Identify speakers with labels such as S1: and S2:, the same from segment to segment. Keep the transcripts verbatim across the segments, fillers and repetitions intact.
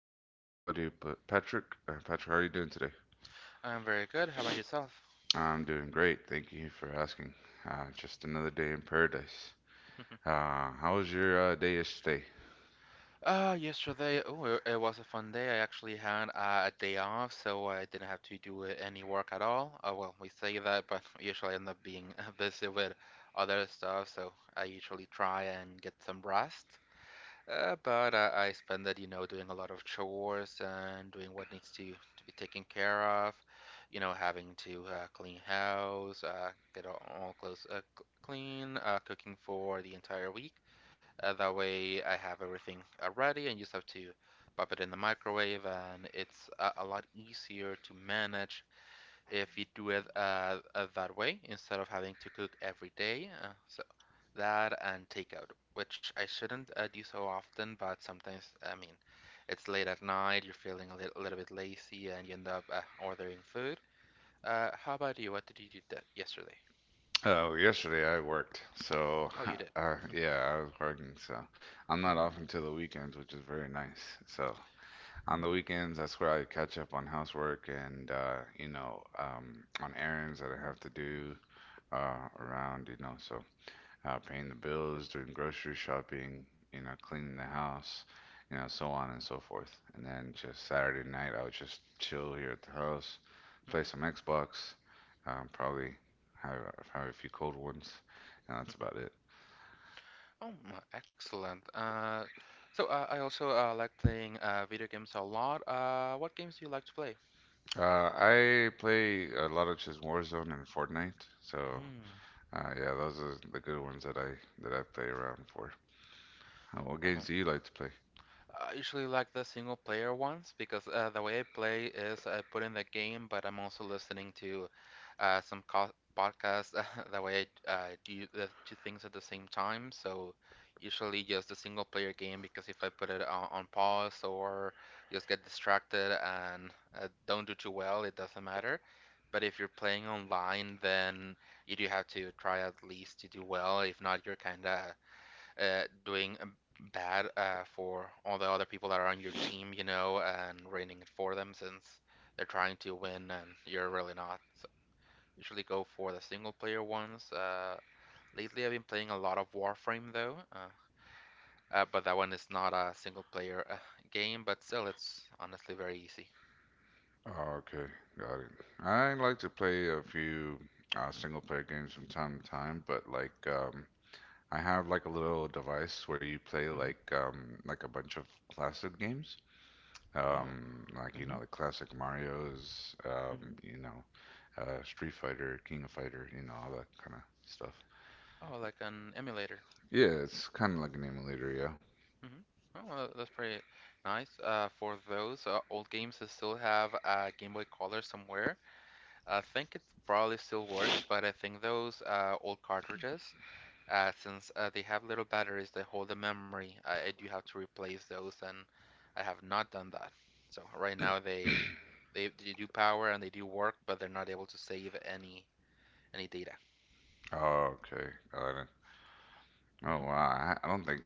S1: here by my buddy but Patrick. Uh, Patrick, how are you doing today?
S2: I'm very good. How about yourself?
S1: I'm doing great. Thank you for asking. Uh, just another day in paradise. Uh, how was your uh, day yesterday?
S2: Uh, yesterday, oh, it was a fun day. I actually had uh, a day off, so I didn't have to do uh, any work at all. Uh, well, we say that, but usually I end up being uh, busy with other stuff, so I usually try and get some rest. Uh, but uh, I spend it, you know, doing a lot of chores and doing what needs to to be taken care of, you know, having to uh, clean house, uh, get all, all clothes uh, c- clean, uh, cooking for the entire week. Uh, that way, I have everything uh, ready, and you just have to pop it in the microwave, and it's a, a lot easier to manage if you do it uh, uh, that way instead of having to cook every day. Uh, so that and takeout, which I shouldn't uh, do so often, but sometimes, I mean, it's late at night, you're feeling a little, little bit lazy, and you end up uh, ordering food. Uh, how about you? What did you do yesterday?
S1: Oh, yesterday I worked. So,
S2: Oh, you did.
S1: uh, yeah, I was working. So, I'm not
S2: Mm-hmm.
S1: off until the weekends, which is very nice. So, on
S2: Mm-hmm.
S1: the weekends, that's where I catch up on housework and, uh, you know, um, on errands that I have to do uh, around, you know. So, uh, paying the bills, doing grocery shopping, you know, cleaning the house, you know, so on and so forth. And then just Saturday night, I would just chill here at the house, play
S2: Mm-hmm.
S1: some Xbox, um, probably have, have a few cold ones, and that's about it.
S2: Oh, m- excellent. Uh, so uh, I also uh, like playing uh, video games a lot. Uh, what games do you like to play?
S1: Uh, I play a lot of just Warzone and Fortnite, so
S2: Hmm.
S1: uh, yeah, those are the good ones that I that I play around for. Uh, what
S2: Oh.
S1: games do you like to play?
S2: I usually like the single player ones because uh, the way I play is I put in the game, but I'm also listening to uh, some co podcasts. That way I uh, do the two things at the same time. So usually just the single player game because if I put it on, on pause or just get distracted and uh, don't do too well, it doesn't matter. But if you're playing online, then you do have to try at least to do well. If not, you're kind of uh, doing um, bad uh, for all the other people that are on your team, you know, and ruining it for them since they're trying to win and you're really not. So usually go for the single player ones. Uh, lately, I've been playing a lot of Warframe though, uh, uh, but that one is not a single player uh, game, but still, it's honestly very easy.
S1: Oh, okay, got it. I like to play a few uh, single player games from time to time, but like um, I have like a little device where you play
S2: Hmm.
S1: like um, like a bunch of classic games,
S2: Oh.
S1: um, like you know
S2: Hmm.
S1: the classic Mario's, um,
S2: Hmm.
S1: you know, uh, Street Fighter, King of Fighter, you know all that kind of stuff.
S2: Oh, like an emulator.
S1: Yeah, it's kind of like an emulator, yeah.
S2: Hmm. Oh, tha- that's pretty nice. Uh, for those uh, old games that still have a Game Boy Color somewhere, I think it probably still works, but I think those uh, old cartridges, uh, since uh, they have little batteries that hold the memory, I, I do have to replace those, and I have not done that. So right now they they, they do power and they do work, but they're not able to save any any data.
S1: Oh, okay, got it. Oh
S2: Hmm.
S1: wow, I, I don't think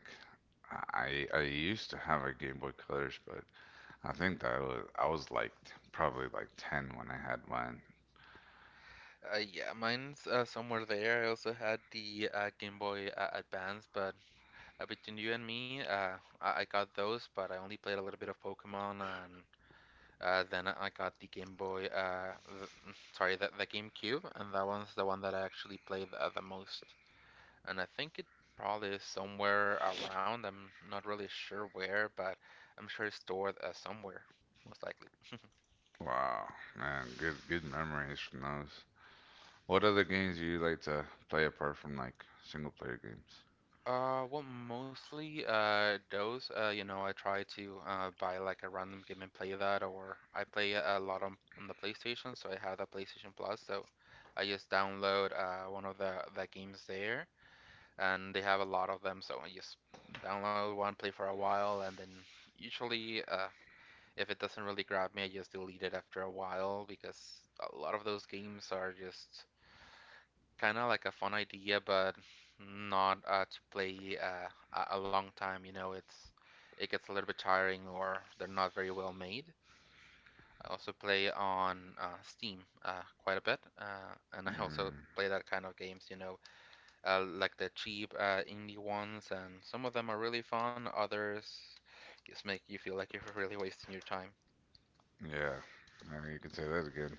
S1: I I used to have a Game Boy Colors, but I think that was I was like t- probably like ten when I had mine.
S2: Uh, yeah, mine's uh, somewhere there. I also had the uh, Game Boy uh, Advance, but uh, between you and me, uh, I-, I got those, but I only played a little bit of Pokemon. And Uh, then I got the Game Boy, uh, the, sorry, the, the GameCube, and that one's the one that I actually played the, the most. And I think it probably is somewhere around. I'm not really sure where, but I'm sure it's stored uh, somewhere, most likely.
S1: Wow, man, good good memories from those. What other games do you like to play apart from like single player games?
S2: Uh, well, mostly uh those. Uh, you know, I try to uh buy like a random game and play that, or I play a lot on, on the PlayStation, so I have the PlayStation Plus, so I just download uh one of the the games there, and they have a lot of them. So I just download one, play for a while, and then usually, uh, if it doesn't really grab me, I just delete it after a while because a lot of those games are just kind of like a fun idea, but not uh, to play uh, a- long time. You know, it's it gets a little bit tiring or they're not very well made. I also play on uh, Steam uh, quite a bit, uh, and I also
S1: Mm,
S2: play that kind of games. You know, uh, like the cheap uh, indie ones, and some of them are really fun. Others just make you feel like you're really wasting your time.
S1: yeah, yeah, you can say that again.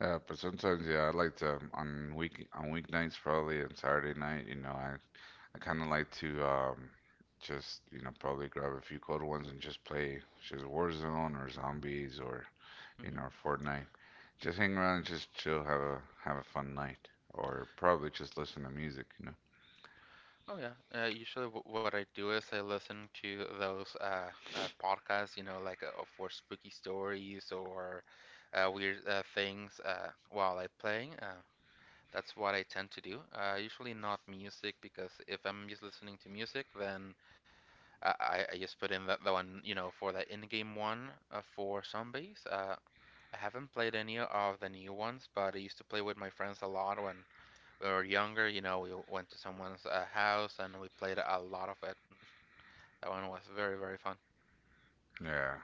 S1: Yeah, but sometimes yeah, I like to um, on week on weeknights probably and Saturday night. You know, I I kind of like to um just you know probably grab a few cold ones and just play just Warzone or Zombies or in
S2: Hmm.
S1: our Fortnite. Just hang around and just chill, have a have a fun night, or probably just listen to music. You know.
S2: Oh, yeah. Uh, usually, w what I do is I listen to those uh, uh, podcasts, you know, like uh, for spooky stories or uh, weird uh, things uh, while I'm playing. Uh, that's what I tend to do. Uh, usually not music because if I'm just listening to music, then I, I I just put in that the one, you know, for the in-game one uh, for zombies. Uh, I haven't played any of the new ones, but I used to play with my friends a lot when we were younger. You know, we went to someone's uh, house, and we played a lot of it. That one was very, very fun.
S1: Yeah,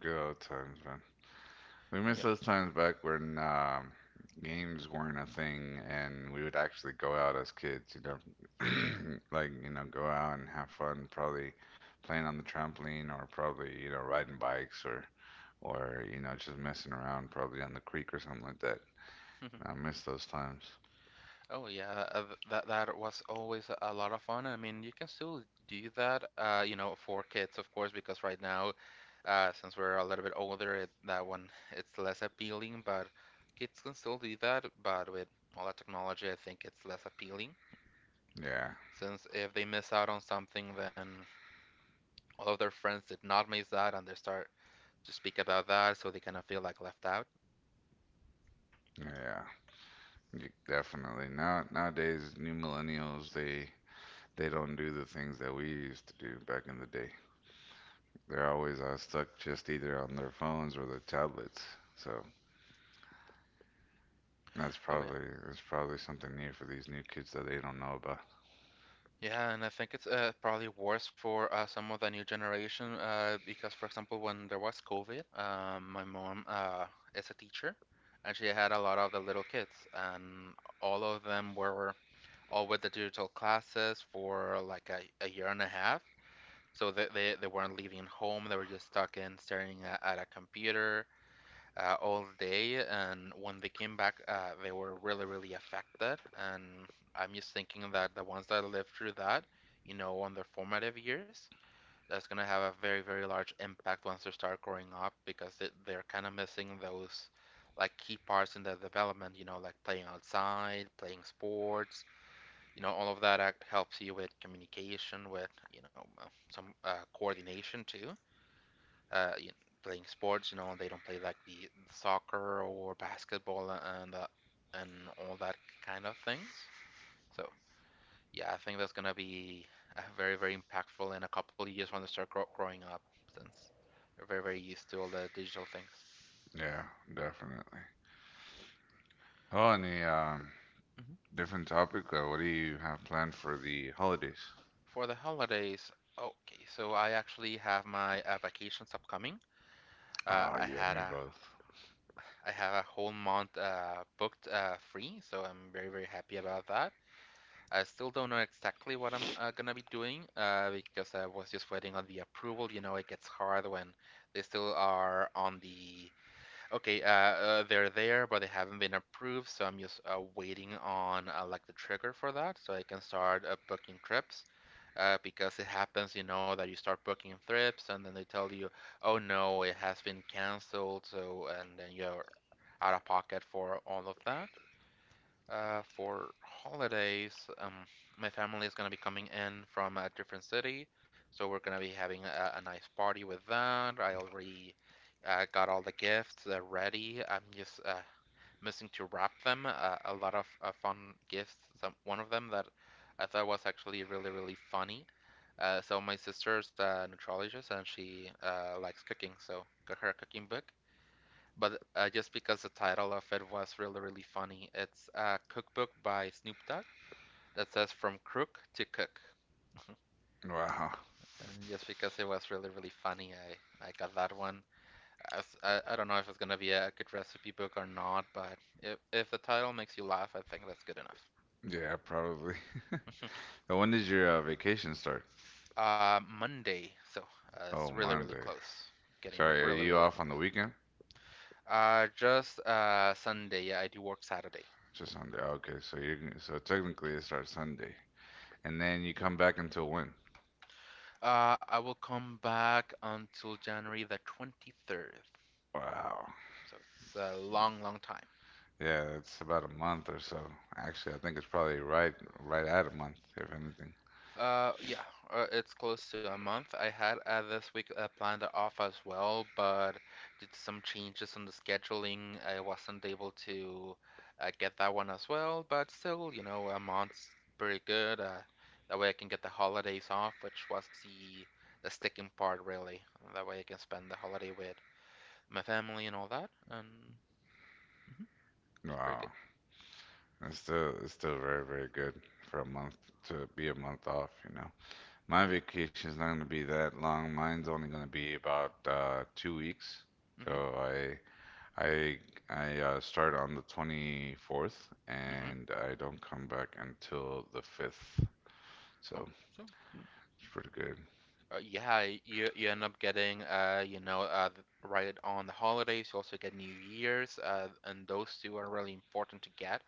S1: good old times, man. We
S2: Oh,
S1: miss
S2: yeah.
S1: those times back when um, games weren't a thing, and we would actually go out as kids. You know, like you know, go out and have fun. Probably playing on the trampoline, or probably you know riding bikes, or or you know just messing around, probably on the creek or something like that. I miss those times.
S2: Oh, yeah. uh, That, that was always a lot of fun. I mean, you can still do that, uh, you know, for kids, of course, because right now, uh, since we're a little bit older, it, that one it's less appealing, but kids can still do that, but with all that technology, I think it's less appealing.
S1: Yeah,
S2: Since if they miss out on something, then all of their friends did not miss that, and they start to speak about that, so they kind of feel like left out.
S1: yeah. Y- Definitely. Now nowadays, new millennials they they don't do the things that we used to do back in the day. They're always uh, stuck just either on their phones or their tablets. So that's
S2: Oh, yeah.
S1: probably that's probably something new for these new kids that they don't know about.
S2: Yeah. And I think it's uh, probably worse for uh, some of the new generation uh, because, for example, when there was COVID, um, my mom uh, is a teacher, and she had a lot of the little kids, and all of them were all with the digital classes for like a, a year and a half, so they, they, they weren't leaving home, they were just stuck in staring at, at a computer uh, all day. And when they came back, uh, they were really, really affected. And I'm just thinking that the ones that lived through that, you know, on their formative years, that's going to have a very, very large impact once they start growing up because they, they're kind of missing those like key parts in their development, you know, like playing outside, playing sports. You know, all of that helps you with communication, with, you know, uh, some uh, coordination too, uh, you know, playing sports. You know, they don't play like the the soccer or basketball, and uh, and all that kind of things. So yeah, I think that's gonna be uh, very, very impactful in a couple of years when they start grow- growing up, since they're very, very used to all the digital things.
S1: Yeah, definitely. Oh, and the um,
S2: Mhm.
S1: different topic. Uh, what do you have planned for the holidays?
S2: For the holidays, okay, so I actually have my uh, vacations upcoming. Uh,
S1: Ah,
S2: I
S1: you and
S2: had
S1: me
S2: a
S1: both.
S2: I have a whole month uh, booked uh, free, so I'm very, very happy about that. I still don't know exactly what I'm uh, gonna be doing uh, because I was just waiting on the approval. You know, it gets hard when they still are on the okay, uh, uh, they're there, but they haven't been approved. So I'm just uh, waiting on uh, like the trigger for that, so I can start uh, booking trips. Uh, because it happens, you know, that you start booking trips, and then they tell you, oh no, it has been canceled. So and then you're out of pocket for all of that. Uh, for holidays, um, my family is gonna be coming in from a different city, so we're gonna be having a, a nice party with that. I already uh, got all the gifts uh, ready. I'm just uh, missing to wrap them. Uh, a lot of uh, fun gifts. Some one of them that I thought was actually really, really funny. Uh, so my sister's a nutritionist, and she uh, likes cooking, so got her a cooking book, but uh, just because the title of it was really, really funny. It's a cookbook by Snoop Dogg that says "From Crook to Cook."
S1: Wow.
S2: And just because it was really, really funny, I, I got that one. I, I s- I- I don't know if it's going to be a good recipe book or not, but if, if the title makes you laugh, I think that's good enough.
S1: Yeah, probably. And When does your uh, vacation start?
S2: Uh, Monday, so uh, it's
S1: Oh,
S2: really, really
S1: Monday.
S2: close. Getting
S1: Sorry, are
S2: really,
S1: you
S2: really
S1: off on the
S2: close.
S1: weekend?
S2: Uh, just uh, Sunday, yeah, I do work Saturday.
S1: To Sunday. Okay, so you so technically it starts Sunday, and then you come back until when?
S2: Uh, I will come back until January the twenty-third.
S1: Wow.
S2: So it's a long, long time.
S1: Yeah, it's about a month or so. Actually, I think it's probably right right at a month, if anything.
S2: Uh, yeah, uh, it's close to a month. I had uh, this week uh, planned off as well, but due to some changes on the scheduling, I wasn't able to uh, get that one as well. But still, you know, a month's pretty good. Uh, that way I can get the holidays off, which was the the sticking part, really. That way I can spend the holiday with my family and all that, and mhm, it's pretty good.
S1: Wow. It's still it's still very very good for a month to be a month off. You know, my
S2: Oh yeah.
S1: vacation's not gonna be that long. Mine's only gonna be about uh, two weeks.
S2: Mhm.
S1: So I I I uh, start on the twenty-fourth
S2: Mhm.
S1: and I don't come back until the fifth.
S2: Um,
S1: So
S2: so, mm,
S1: it's pretty good.
S2: uh, yeah, you you end up getting uh you know uh right on the holidays. You also get New Year's uh and those two are really important to get.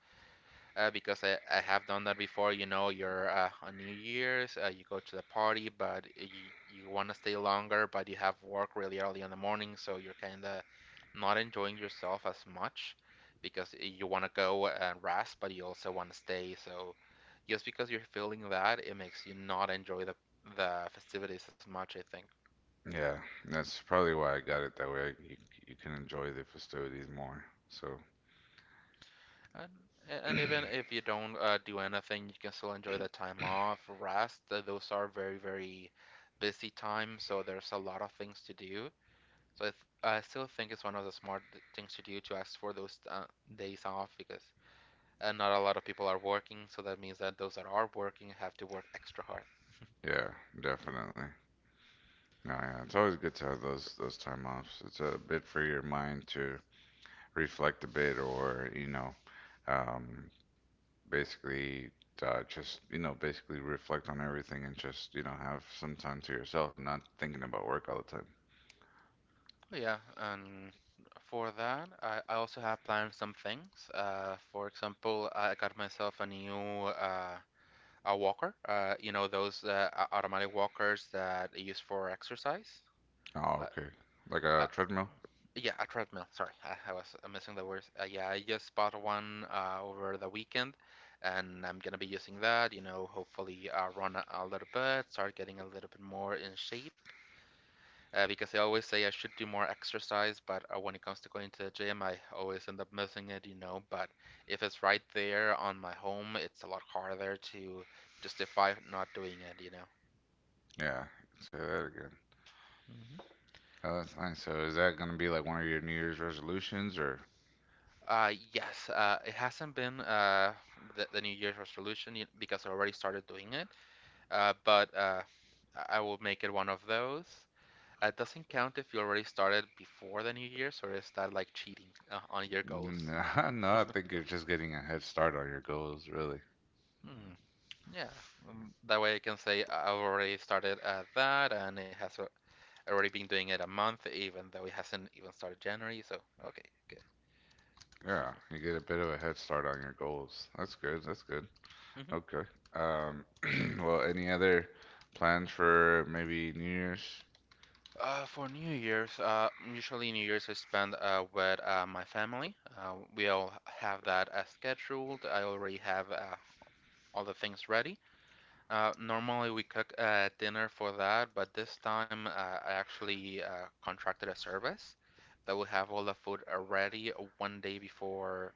S2: uh, Because I, I have done that before. You know, you're uh, on New Year's, uh, you go to the party, but you, you want to stay longer, but you have work really early in the morning, so you're kind of not enjoying yourself as much because you want to go and rest, but you also want to stay. So just because you're feeling that, it makes you not enjoy the the festivities as much, I think.
S1: Yeah, that's probably why I got it that way. You, you can enjoy the festivities more. So
S2: And, and even if you don't uh, do anything, you can still enjoy the time off, rest. Uh, Those are very, very busy times, so there's a lot of things to do. So I, th I still think it's one of the smart th- things to do to ask for those uh, days off because uh, not a lot of people are working, so that means that those that are working have to work extra hard.
S1: yeah, definitely. No, yeah, it's always good to have those those time offs. It's a bit for your mind to reflect a bit, or you know, um, basically uh, just you know basically reflect on everything and just you know have some time to yourself, not thinking about work all the time.
S2: Yeah, and for that, I, I also have planned some things. Uh, for example, I got myself a new uh, A walker, uh, you know those uh, automatic walkers that they use for exercise.
S1: Oh,
S2: Like,
S1: okay. Like a
S2: uh,
S1: treadmill?
S2: yeah, a treadmill. Sorry, I, I was uh, missing the words. Uh, yeah, I just bought one uh, over the weekend, and I'm gonna be using that. You know, hopefully, uh, run a, a little bit, start getting a little bit more in shape. Uh, because I always say I should do more exercise, but uh, when it comes to going to the gym, I always end up missing it. You know, but if it's right there on my home, it's a lot harder to justify not doing it. You know.
S1: Yeah, say that again.
S2: Hmm.
S1: Oh, that's nice. So is that going to be like one of your New Year's resolutions or
S2: Uh, yes, uh, it hasn't been uh, the, the New Year's resolution yet because I already started doing it, uh, but uh, I I will make it one of those. Uh, It doesn't count if you already started before the New Year's, or is that like cheating uh, on your goals?
S1: no? No, I think you're just getting a head start on your goals, really.
S2: Hmm. Yeah. Um, that way I can say I- I've already started uh, that, and it has al- already been doing it a month, even though it hasn't even started January. So, okay, good.
S1: Yeah, you get a bit of a head start on your goals. That's good. That's good. Okay. Um, well, any other plans for maybe New Year's?
S2: Uh, for New Year's, uh, usually New Year's I spend uh, with uh, my family. Uh, we all have that uh, scheduled. I already have uh, all the things ready. Uh, normally we cook uh, dinner for that, but this time uh, I actually uh, contracted a service that will have all the food uh, ready one day before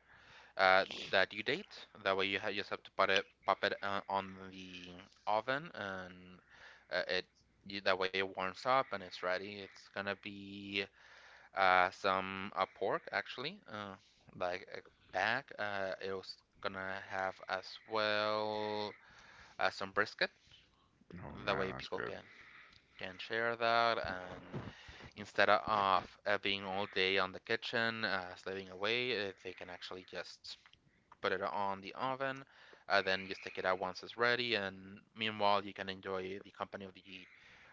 S2: uh, that you date. That way you ha you just have to put it pop it uh, on the oven and uh, it you, that way it warms up and it's ready. It's gonna be uh, some uh, pork actually, uh, like a back. Uh, it was gonna have as well uh, some brisket.
S1: Oh
S2: That
S1: man,
S2: way
S1: that's
S2: people
S1: good.
S2: can can share that and instead of uh, being all day on the kitchen uh, slaving away, uh, they can actually just put it on the oven, and then you stick it out once it's ready. And meanwhile, you can enjoy the company of the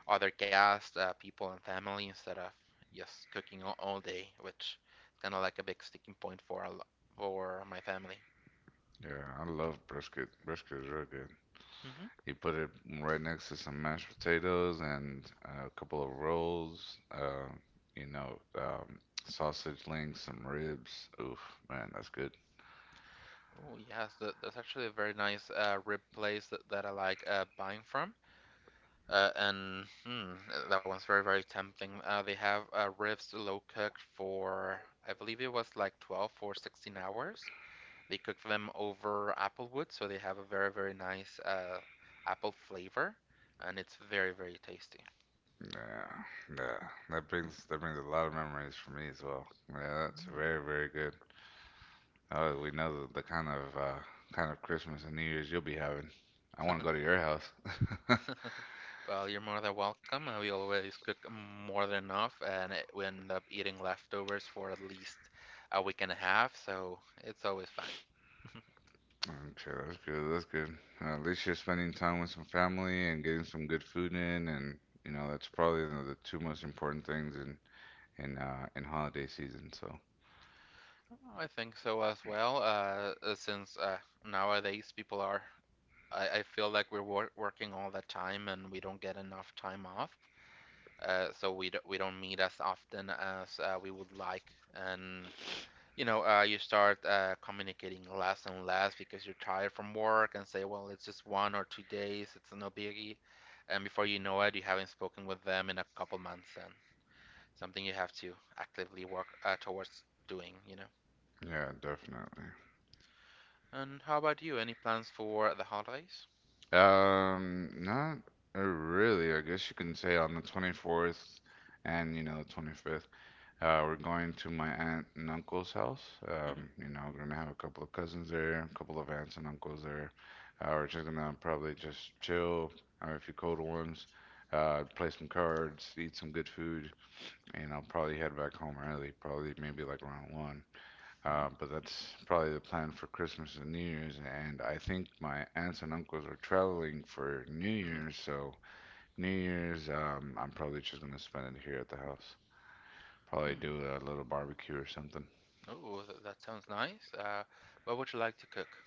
S2: other guests, uh, people, and family instead of just cooking all, all day, which is kind of like a big sticking point for a, for my family.
S1: Yeah, I love brisket. Brisket is real good.
S2: Mm-hmm.
S1: He put it right next to some mashed potatoes and a couple of rolls, uh, you know, um, sausage links, some ribs. Oof, man, that's good.
S2: Oh yes, th- that's actually a very nice uh, rib place that, that I like uh, buying from. Uh, and hmm, that one's very, very tempting. Uh, they have uh, ribs low cooked for, I believe it was like twelve or sixteen hours. They cook them over applewood, so they have a very, very nice uh, apple flavor, and it's very, very tasty.
S1: Yeah, yeah. That brings that brings a lot of memories for me as well. Yeah, that's
S2: Mm.
S1: very, very good. Oh, we know the, the kind of uh, kind of Christmas and New Year's you'll be having. I want to go to your house.
S2: Well, you're more than welcome. Uh, we always cook more than enough, and we end up eating leftovers for at least a week and a half, so it's always fine.
S1: Okay, that's good. That's good. Uh, at least you're spending time with some family and getting some good food in, and you know that's probably one of the two most important things in in uh, in holiday season. So
S2: Oh, I think so as well. Uh, uh, since uh, nowadays people are, I, I feel like we're wor working all the time and we don't get enough time off. Uh, so we don't we don't meet as often as uh, we would like, and you know uh, you start uh, communicating less and less because you're tired from work and say, well, it's just one or two days, it's no biggie, and before you know it, you haven't spoken with them in a couple months, and something you have to actively work uh, towards doing, you know.
S1: yeah, definitely.
S2: And how about you? Any plans for the holidays?
S1: Um, not uh, really. I guess you can say on the twenty-fourth and you know twenty-fifth. Uh, we're going to my aunt and uncle's house.
S2: Hmm.
S1: Um, you know, we're gonna have a couple of cousins there, a couple of aunts and uncles there. Uh, we're just gonna probably just chill, have a few cold ones, uh, play some cards, eat some good food, and I'll probably head back home early, probably maybe like around one.
S2: Hmm.
S1: Uh, but that's probably the plan for Christmas and New Year's. And I think my aunts and uncles are traveling for New
S2: Hmm.
S1: Year's, so New Year's, um, I'm probably just gonna spend it here at the house. Probably
S2: Hmm.
S1: do a little barbecue or something.
S2: Oh, th- that sounds nice. Uh, what would you like to cook?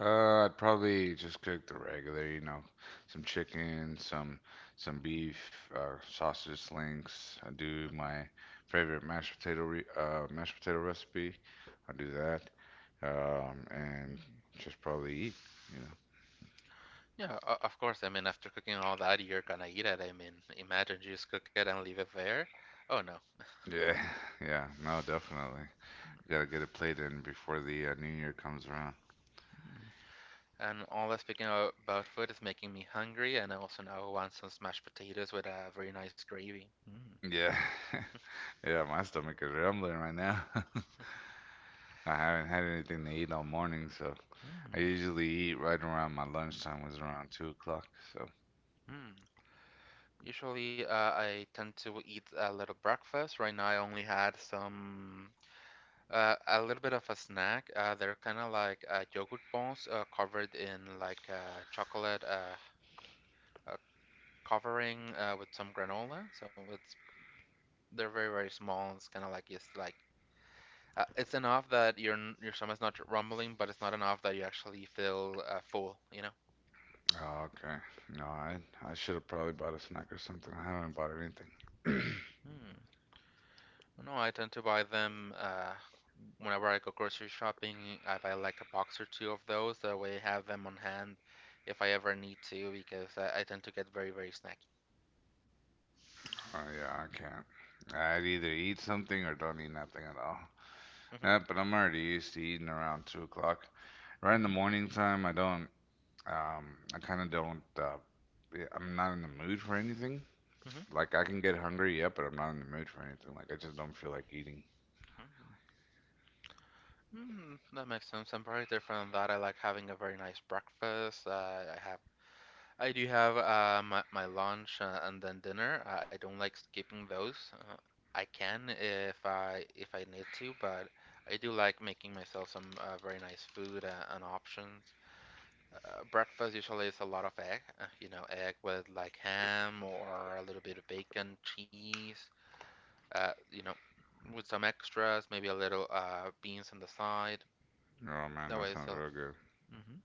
S1: Uh, I'd probably just cook the regular, you know, some chicken, some some beef, uh, sausage links. I do
S2: Hmm.
S1: my favorite mashed potato re uh, mashed potato recipe. I do that, um, and
S2: Hmm.
S1: just probably eat, you
S2: Yeah, o- of course. I mean, after cooking all that, you're gonna eat it. I mean, imagine you just cook it and leave it there. Oh no.
S1: know. Yeah, yeah, no, definitely. Gotta get a plate in before the uh, new year comes around.
S2: Mm. And all that speaking o- about food is making me hungry, and I also now want some smashed potatoes with a very nice gravy. Mm,
S1: Yeah, yeah, my stomach is rumbling right now. I haven't had anything to eat all morning, so I
S2: mm,
S1: usually eat right around my lunchtime was around two o'clock. So,
S2: mm. Usually, uh, I tend to eat a little breakfast. Right now, I only had some, uh, a little bit of a snack. Uh, they're kind of like uh, yogurt balls uh, covered in like uh, chocolate, uh, uh, covering uh, with some granola. So it's they're very very small. It's kind of like it's like uh, it's enough that your your stomach's not rumbling, but it's not enough that you actually feel uh, full. You know.
S1: oh, okay. No, I I should have probably bought a snack or something. I haven't bought anything.
S2: Hmm. No, I tend to buy them uh, whenever I go grocery shopping. I buy like a box or two of those. That way, I have them on hand if I ever need to, because I, I tend to get very very snacky.
S1: Oh yeah, I can't. I'd either eat something or don't eat nothing at all.
S2: Hmm.
S1: Yeah, but I'm already used to eating around two o'clock. Right in the morning time, I don't. Um, I kind of don't. Uh, yeah, I'm not in the mood for anything.
S2: Hmm. Hmm.
S1: Like I can get hungry, yeah, but I'm not in the mood for anything. Like I just don't feel like eating.
S2: Mm, that makes sense. I'm very different on that. I like having a very nice breakfast. Uh, I have I do have uh, my, my lunch uh, and then dinner. Uh, I don't like skipping those. Uh, I can if I if I need to, but I do like making myself some uh, very nice food uh, and options. Uh, breakfast usually is a lot of egg, uh, you know, egg with like ham or a little bit of bacon, cheese, uh, you know, with some extras, maybe a little uh, beans on the side.
S1: Oh man,
S2: That
S1: that
S2: way,
S1: sounds
S2: so.
S1: real good.
S2: Hmm.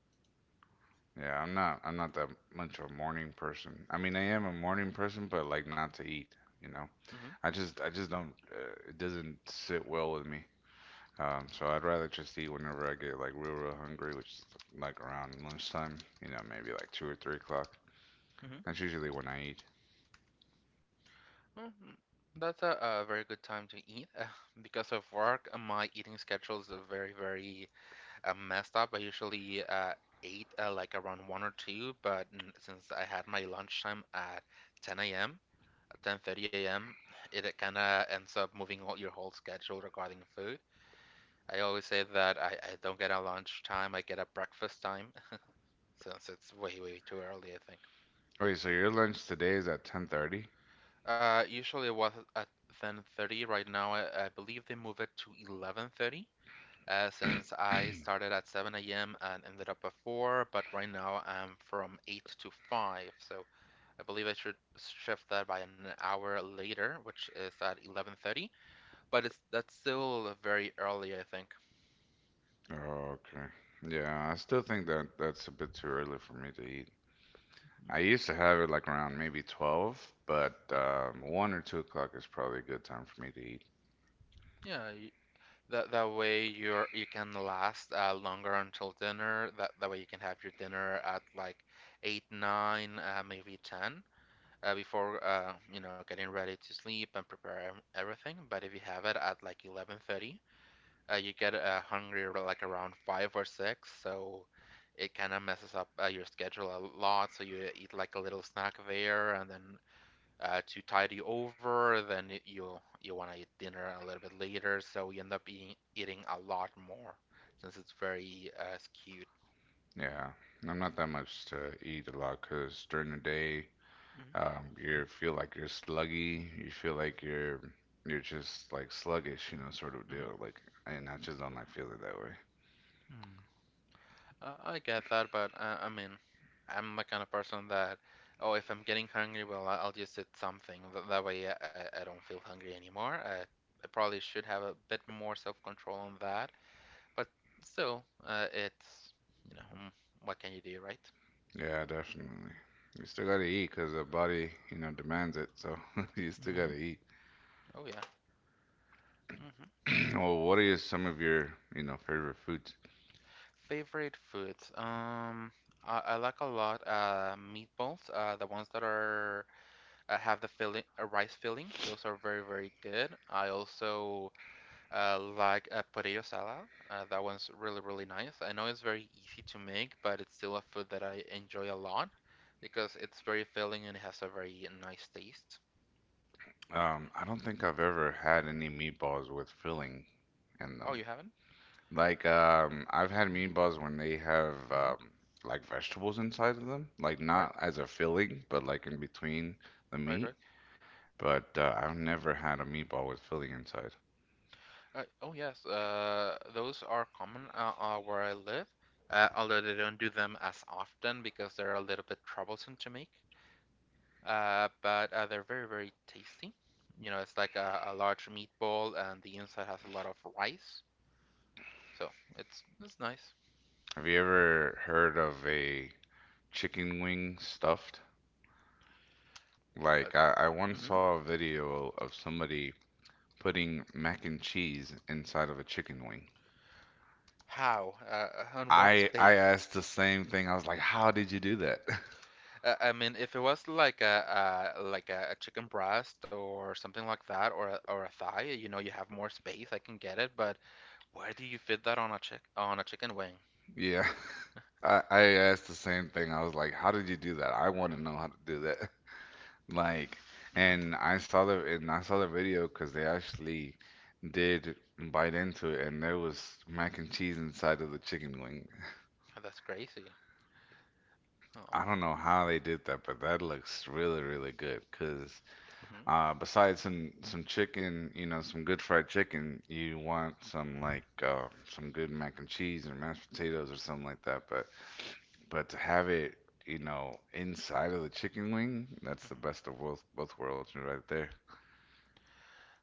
S1: Yeah, I'm not I'm not that much of a morning person. I mean, I am a morning person, but like not to eat, you know.
S2: Hmm.
S1: I just I just don't. Uh, it doesn't sit well with me. Um, so I'd rather just eat whenever I get like real real hungry, which is like around lunchtime, you know, maybe like two or three o'clock.
S2: Hmm.
S1: That's usually when I eat.
S2: Well, mm, that's a, a very good time to eat. Uh, because of work, uh, my eating schedules are very, very uh, messed up. I usually uh, ate uh, like around one or two, but mm, since I had my lunchtime at ten a m, ten thirty a m, it kind of ends up moving all your whole schedule regarding food. I always say that I, I don't get a lunch time, I get a breakfast time, since it's way, way too early, I think.
S1: Wait, so your lunch today is at ten thirty?
S2: Uh, usually it was at ten thirty. Right now, I, I believe they move it to eleven thirty. Uh, since I started at seven a m and ended up at four, but right now I'm from eight to five. So I believe I should shift that by an hour later, which is at eleven thirty. But it's that's still very early, I think.
S1: Oh, okay. Yeah, I still think that that's a bit too early for me to eat.
S2: Mm.
S1: I used to have it like around maybe twelve, but
S2: Yeah,
S1: um, one or two o'clock is probably a good time for me to eat.
S2: yeah. That that way you're you can last uh, longer until dinner. That that way you can have your dinner at like eight, nine, uh, maybe ten, uh, before uh, you know getting ready to sleep and prepare ev- everything. But if you have it at like eleven thirty, uh, you get uh, hungry ar- like around five or six, so it kind of messes up uh, your schedule a lot. So you eat like a little snack there, and then uh, too tidy over, then it- you you want to eat dinner a little bit later, so you end up eating, eating a lot more since it's very uh, skewed.
S1: Yeah, I'm not that much to eat a lot because during the day, um,
S2: Mm-hmm.
S1: you feel like you're sluggy. You feel like you're you're just like sluggish, you know, sort of
S2: Mm-hmm.
S1: deal. Like, and I just don't like feeling that way.
S2: Mm. Uh, I get that, but uh, I mean, I'm the kind of person that, oh, if I'm getting hungry, well, I- will just eat something. Th- that way, I, I don't feel hungry anymore. I, I probably should have a bit more self-control on that, but still, uh, it's, you know, mm, what can you do, right?
S1: Yeah, definitely. You still gotta eat because the body, you know, demands it. So you still
S2: Mm-hmm.
S1: gotta eat.
S2: Oh yeah. Mm-hmm.
S1: Well, what are your, some of your you know, favorite foods?
S2: Favorite foods. Um, I, I like a lot uh meatballs. Uh, the ones that are uh, have the filling, a rice filling. Those are very, very good. I also uh like a potato salad. Uh, that one's really, really nice. I know it's very easy to make, but it's still a food that I enjoy a lot because it's very filling and it has a very nice taste.
S1: Um, I don't think I've ever had any meatballs with filling in
S2: Oh, you
S1: them.
S2: haven't?
S1: Like, um, I've had meatballs when they have
S2: Mhm.
S1: um, like vegetables inside of them, like
S2: Right,
S1: not as a filling, but like in between the
S2: right, right.
S1: meat. But uh, I've never had a meatball with filling inside.
S2: Uh, oh yes, uh, those are common uh, uh, where I live, uh, although they don't do them as often because they're a little bit troublesome to make. Uh, but uh, They're very, very tasty. You know, it's like a, a large meatball, and the inside has a lot of rice, so it's it's nice.
S1: Have you ever heard of a chicken wing stuffed?
S2: Uh,
S1: Like, I, I once
S2: mhm.
S1: saw a video of somebody putting mac and cheese inside of a chicken wing.
S2: How? Uh, on what
S1: I I
S2: space?
S1: asked the same thing. I was like, "How did you do that?"
S2: Uh, I mean, if it was like a, a like a, a chicken breast or something like that, or a, or a thigh, you know, you have more space. I can get it, but where do you fit that on a chick on a chicken wing?
S1: Yeah. I I asked the same thing. I was like, "How did you do that? I want to know how to do that." Like,
S2: hmm
S1: and I saw the and I saw the video because they actually did bite into it, and there was mac and cheese inside of the chicken wing.
S2: That's crazy. Um,
S1: I don't know how they did that, but that looks really, really good. Cause
S2: mhm,
S1: Uh, besides some some chicken, you know, some good fried chicken, you want some like uh, some good mac and cheese or mashed potatoes or something like that. But but to have it, you know, inside of the chicken wing, that's the
S2: mhm.
S1: best of both both worlds right there.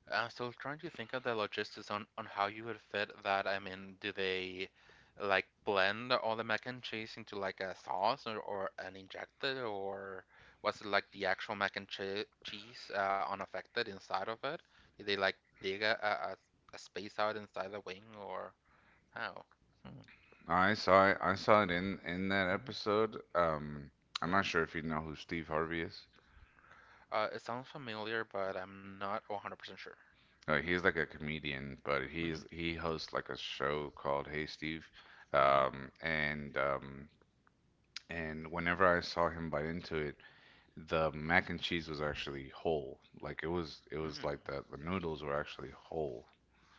S2: I'm still trying to think of the logistics on, on how you would fit that. I mean, do they like blend all the mac and cheese into like a sauce, or, or an injected, or was it like the actual mac and che cheese uh, unaffected inside of it? Did they like dig a, a, a space out inside the wing, or how? Hmm.
S1: I saw it. I saw it in in that
S2: hmm
S1: episode. Um, I'm
S2: Mhm.
S1: not sure if you know who Steve Harvey is.
S2: Uh, it sounds familiar, but I'm not one hundred percent sure.
S1: Uh, he's like a comedian, but
S2: hmm
S1: he's he hosts like a show called Hey Steve,
S2: hmm
S1: um, and um, and whenever I saw him bite into it, the mac and cheese was actually whole. Like it was it
S2: Hmm.
S1: was like that the noodles were actually whole.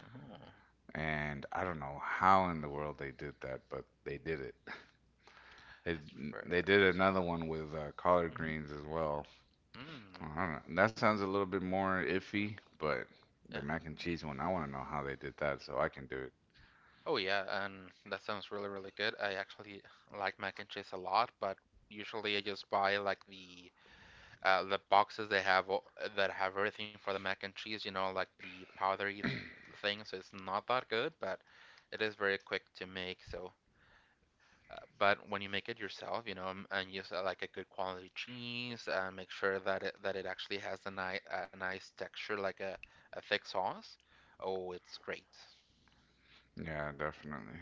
S2: Oh,
S1: And I don't know how in the world they did that, but they did it. They
S2: that's very,
S1: they
S2: very
S1: did
S2: impressive.
S1: another one with uh, collard greens as well.
S2: hmm Hmm.
S1: I don't know. That sounds a little bit more iffy, but the
S2: Yeah.
S1: mac and cheese one, I want to know how they did that so I can do it.
S2: Oh yeah, and that sounds really really good. I actually like mac and cheese a lot, but usually I just buy like the uh, the boxes they have o- that have everything for the mac and cheese. You know, like the powdery th thing. So it's not that good, but it is very quick to make. So, uh, but when you make it yourself, you know, m- and use uh, like a good quality cheese, and make sure that it that it actually has a nice a nice texture, like a a thick sauce. Oh, it's great.
S1: Yeah, definitely.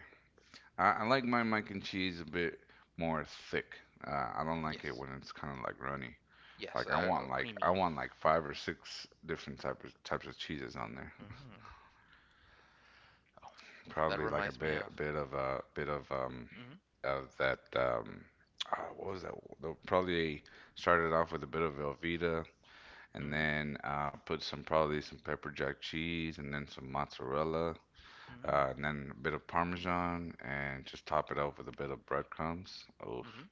S1: I, I like my mac and cheese a bit more thick. Uh, I don't like it
S2: Yes.
S1: when it's kind of like runny.
S2: Yes,
S1: Like I
S2: uh, oh,
S1: want like I
S2: creamy.
S1: want like five or six different types of types of cheeses on there.
S2: hmm Oh, that
S1: Probably like a
S2: reminds me
S1: bit
S2: of.
S1: a bit of a bit of um
S2: Mm-hmm.
S1: of that um uh, what was that? They'll Probably started off with a bit of Velveeta and
S2: Mm-hmm.
S1: then uh, put some probably some pepper jack cheese and then some mozzarella
S2: Mm-hmm.
S1: uh, and then a bit of parmesan and just top it off with a bit of breadcrumbs. Oh
S2: Mm-hmm.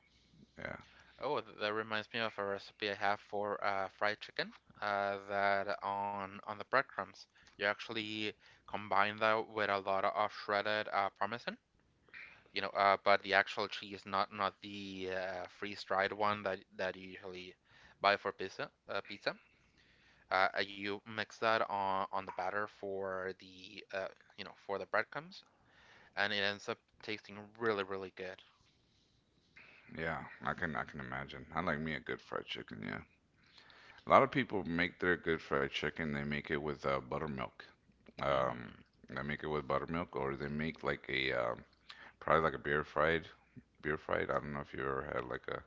S1: yeah,
S2: Oh, th- that reminds me of a recipe I have for uh, fried chicken. Uh, that on on the breadcrumbs, you actually combine that with a lot of shredded uh, parmesan. You know, uh, but the actual cheese, not not the uh, freeze-dried one that that you usually buy for pizza. Uh, pizza. Uh, you mix that on on the batter for the uh, you know for the breadcrumbs, and it ends up tasting really, really good.
S1: yeah. I can I can imagine. I like me a good fried chicken. Yeah. A lot of people make their good fried chicken. They make it with uh, buttermilk. Um,
S2: Mm-hmm.
S1: they make it with buttermilk, or they make like a um, probably like a beer fried. Beer fried. I don't know if you ever had like a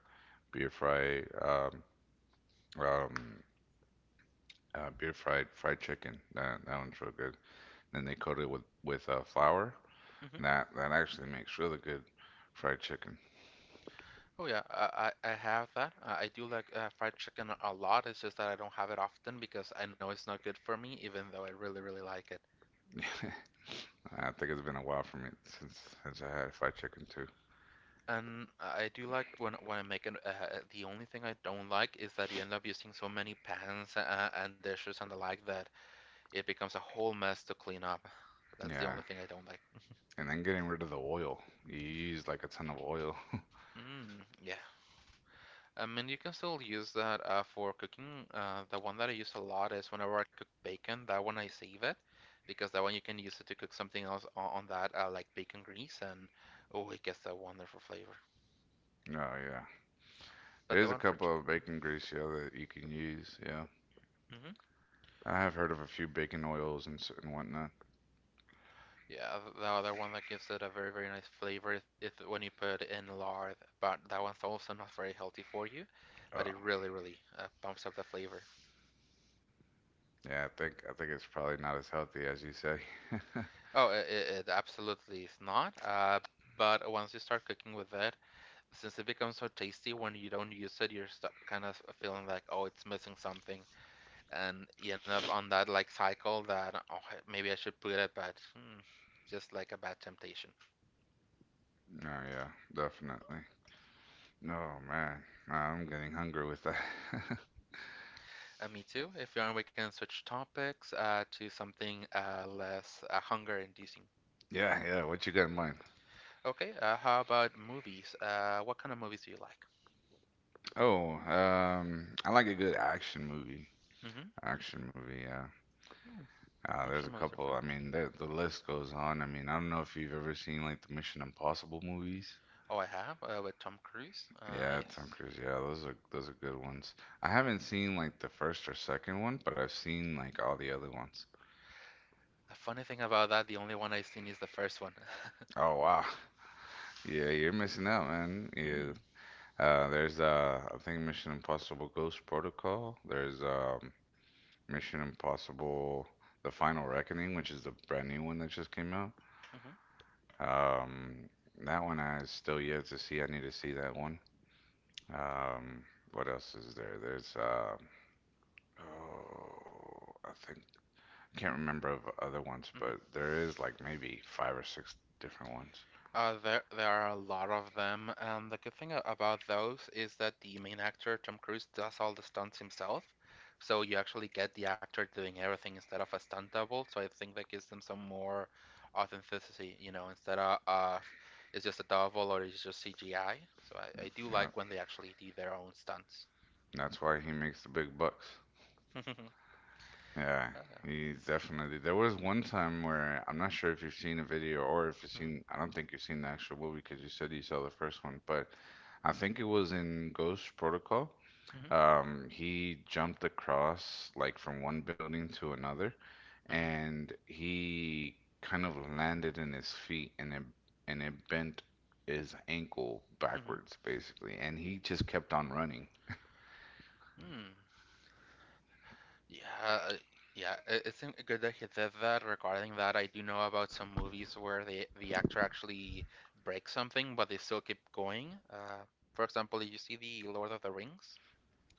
S1: beer fried um, um, uh, beer fried fried chicken. That that one's real good. Then they coat it with with uh, flour.
S2: hmm
S1: And that that actually makes really good fried chicken.
S2: Oh yeah, I, I I have that. Uh, I do like uh, fried chicken a lot. It's just that I don't have it often because I know it's not good for me, even though I really, really like it.
S1: I think it's been a while for me since since I had fried chicken too.
S2: And I do like when when I make it. Uh, the only thing I don't like is that you end up using so many pans uh, and dishes and the like that it becomes a whole mess to clean up. That's the
S1: Yeah,
S2: only thing I don't like.
S1: and then getting rid of the oil. You use like a ton of oil.
S2: Mm, yeah. I mean, you can still use that uh, for cooking. Uh, the one that I use a lot is whenever I cook bacon, that one I save it because that one you can use it to cook something else on, on that, uh, like bacon grease, and oh, it gets that wonderful flavor.
S1: Oh yeah.
S2: But the
S1: There's a
S2: one for
S1: couple
S2: chicken,
S1: of bacon grease, yeah, that you can use, yeah.
S2: hmm
S1: I have heard of a few bacon oils and s- and whatnot.
S2: yeah, th- the other one that gives it a very, very nice flavor is if when you put it in lard, but that one's also not very healthy for you, but
S1: Oh,
S2: it really, really uh, bumps up the flavor.
S1: yeah, I think I think it's probably not as healthy as you say.
S2: Oh, it, it it absolutely is not. Uh, but once you start cooking with it, since it becomes so tasty when you don't use it, you're st- kind of feeling like, oh, it's missing something, and you end up on that like cycle that oh, maybe I should put it, but hmm, just like a bad temptation.
S1: Oh yeah, definitely. Oh man, nah, I'm getting hungry with that.
S2: Uh, me too. If you want, we can switch topics uh, to something uh, less uh, hunger-inducing.
S1: Yeah, yeah, what you got in mind?
S2: Okay. Uh, how about movies? Uh, what kind of movies do you like?
S1: Oh, um, I like a good action movie.
S2: Mm-hmm.
S1: Action movie, yeah.
S2: Oh,
S1: Uh, there's
S2: action
S1: a
S2: movies are
S1: couple.
S2: fun.
S1: I mean, the the list goes on. I mean, I don't know if you've ever seen like the Mission Impossible movies.
S2: Oh, I have uh, with Tom Cruise. Uh,
S1: Yeah, Tom
S2: yes.
S1: Cruise. Yeah, those are those are good ones. I haven't seen like the first or second one, but I've seen like all the other ones.
S2: The funny thing about that, the only one I've seen is the first one.
S1: Oh wow. Yeah, you're missing out, man.
S2: Mm. hmm
S1: Yeah.
S2: Mm-hmm.
S1: Uh, there's uh, I think Mission Impossible Ghost Protocol. There's um, Mission Impossible: The Final Reckoning, which is the brand new one that just came out. Um, that one I still yet to see. I need to see that one. Um, what else is there? There's uh, oh, I think Can't remember of other ones,
S2: Mhm.
S1: but there is like maybe five or six different ones.
S2: Uh, there there are a lot of them, and the good thing a- about those is that the main actor, Tom Cruise, does all the stunts himself. So you actually get the actor doing everything instead of a stunt double. So I think that gives them some more authenticity, you know, instead of, of it's just a double or it's just C G I. So I, I do
S1: Yeah,
S2: like when they actually do their own stunts.
S1: that's why he makes the big bucks. Yeah,
S2: Oh, yeah.
S1: he definitely. There was one time where I'm not sure if you've seen a video or if you've
S2: Mhm,
S1: seen. I don't think you've seen the actual movie because you said you saw the first one, but I think it was in Ghost Protocol.
S2: mhm,
S1: Um, he jumped across like from one building to another,
S2: mhm,
S1: and he kind of landed in his feet, and it and it bent his ankle
S2: mhm,
S1: backwards, basically. And he just kept on running.
S2: mhm. Hmm. Yeah, uh, yeah, i- it's in- good that he did that. Regarding that, I do know about some movies where the the actor actually breaks something, but they still keep going. Uh, for example, you see the Lord of the Rings.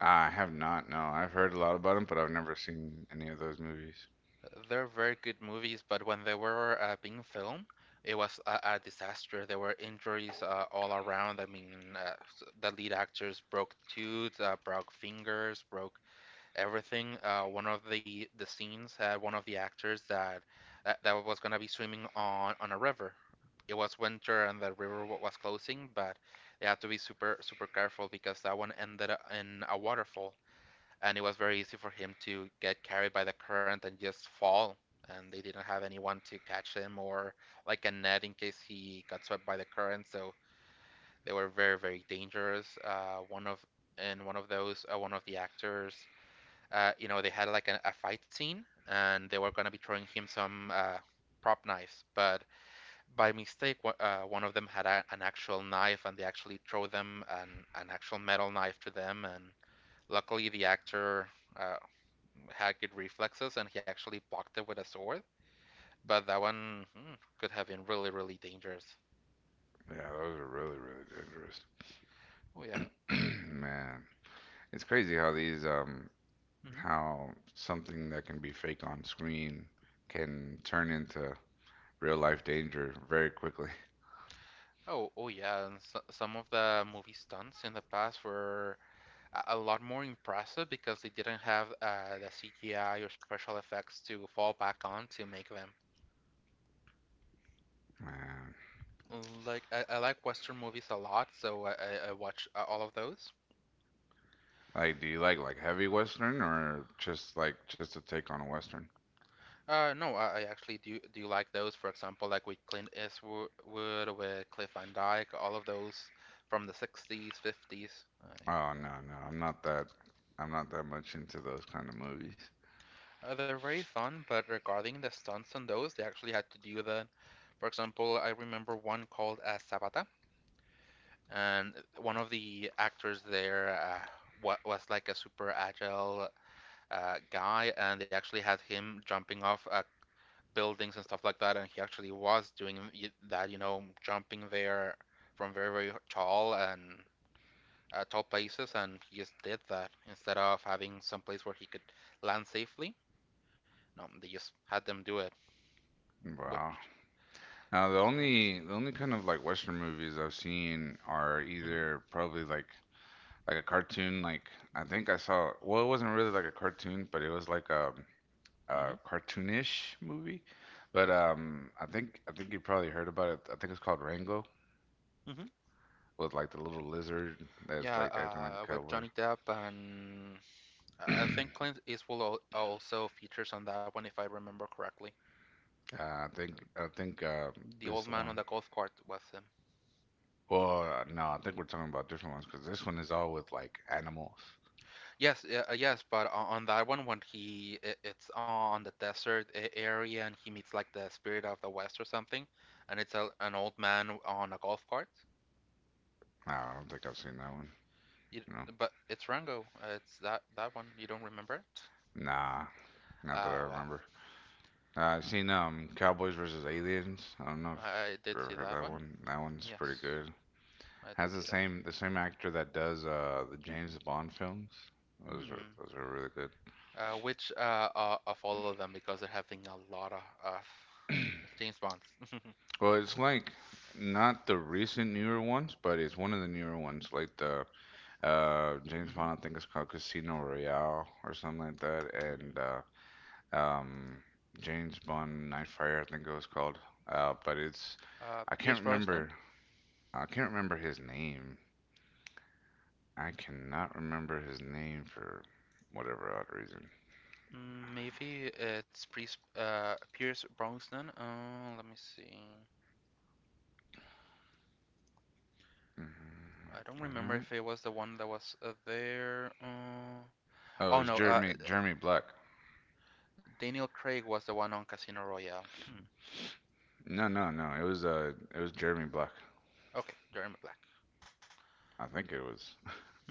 S1: I have not, no. I've heard a lot about him, but I've never seen any of those movies.
S2: Uh, They're very good movies, but when they were uh, being filmed, it was a, a disaster. There were injuries uh, all around. I mean, uh, s- the lead actors broke tooth, uh, broke fingers, broke everything. Uh, one of the the scenes had one of the actors that that, that was gonna be swimming on on a river. It was winter and the river wa- was closing, but they had to be super super careful because that one ended up in a waterfall, and it was very easy for him to get carried by the current and just fall. And they didn't have anyone to catch him or like a net in case he got swept by the current. So they were very very dangerous. Uh, one of and one of those uh, one of the actors uh, you know, they had like a, a fight scene and they were going to be throwing him some uh, prop knives. But by mistake, uh, one of them had a, an actual knife and they actually throw them an, an actual metal knife to them. And luckily, the actor uh, had good reflexes and he actually blocked it with a sword. But that one hmm, could have been really, really dangerous.
S1: Yeah, those are really, really
S2: Oh, yeah.
S1: dangerous. Man, it's crazy how these um
S2: Mm-hmm.
S1: how something that can be fake on screen can turn into real life danger very quickly.
S2: Oh, oh yeah, and so, some of the movie stunts in the past were a a lot more impressive because they didn't have uh, the C G I or special effects to fall back on to make them.
S1: Man.
S2: Mm, like I, I like Western movies a lot, so I, I watch uh, all of those.
S1: Like, do you like like heavy Western or just like just a take on a Western?
S2: Uh, no, I, I actually do do like those. For example, like with Clint Eastwood, with Cliff Van Dyke, all of those from the sixties, fifties.
S1: Oh no, no, I'm not that. I'm not that much into those kind of movies.
S2: Uh, they're very fun, but regarding the stunts on those, they actually had to do the. For example, I remember one called uh, Sabata, and one of the actors there uh, was like a super agile uh, guy, and they actually had him jumping off uh, buildings and stuff like that, and he actually was doing that, you know, jumping there from very very tall and uh, tall places, and he just did that instead of having some place where he could land safely. No, they just had them do it,
S1: Wow.
S2: which
S1: Now the
S2: is very interesting.
S1: only the only kind of like Western movies I've seen are
S2: hmm
S1: either probably like like a cartoon. Like I think I saw. Well, it wasn't really like a cartoon, but it was like a,
S2: hmm
S1: a cartoonish movie. But
S2: Yes.
S1: um, I think I think you probably heard about it. I think it's called Rango.
S2: hmm
S1: With like the little lizard that's
S2: Yeah,
S1: like acting like
S2: uh,
S1: a
S2: with
S1: cowboy.
S2: Johnny Depp and
S1: uh,
S2: I I think Clint Eastwood al- also features on that one, if I remember correctly.
S1: I think I think uh,
S2: The
S1: this
S2: old man on the
S1: one.
S2: golf cart was him.
S1: Well, uh, no, I think we're talking about different ones because this one is all with like animals.
S2: Yes, yeah, uh, yes, but o- on that one, when he i- it's on the desert a- area and he meets like the spirit of the west or something, and it's a, an old man on a golf cart.
S1: No, I don't think I've seen that one.
S2: You,
S1: No,
S2: but it's Rango. Uh, It's that that one. You don't remember it?
S1: nah, not that I
S2: Ah, well,
S1: remember. Uh, I've seen um Cowboys versus Aliens. I don't know if
S2: I I did
S1: you ever
S2: see
S1: heard
S2: that
S1: that
S2: one.
S1: one. That one's pretty
S2: Yes,
S1: good.
S2: I
S1: Has
S2: did
S1: the
S2: see that.
S1: same the same actor that does uh the James Bond films. Those are
S2: Hmm.
S1: those are really good.
S2: Uh, which uh, uh, of all of them because they're having a lot of uh, James Bonds.
S1: Well, it's like not the recent newer ones, but it's one of the newer ones, like the uh James
S2: Mhm.
S1: Bond, I think it's called Casino Royale or something like that, and uh um James Bond Nightfire, I think it was called. Uh, but it's
S2: Uh,
S1: I can't
S2: Pierce
S1: remember
S2: Brosnan.
S1: I can't remember his name. I cannot remember his name for whatever odd reason.
S2: Mm, maybe it's Pierce, uh, Pierce Brosnan. Uh, let me see. I
S1: Mhm.
S2: don't
S1: Is
S2: remember
S1: that-
S2: if it was the one that was uh, there. Uh,
S1: Oh, it
S2: oh
S1: was
S2: no, uh,
S1: Jeremy Jeremy Black.
S2: Daniel Craig was the one on Casino Royale. Hmm.
S1: No, no, no. It was uh it was Jeremy Black.
S2: Okay, Jeremy Black.
S1: I think it was.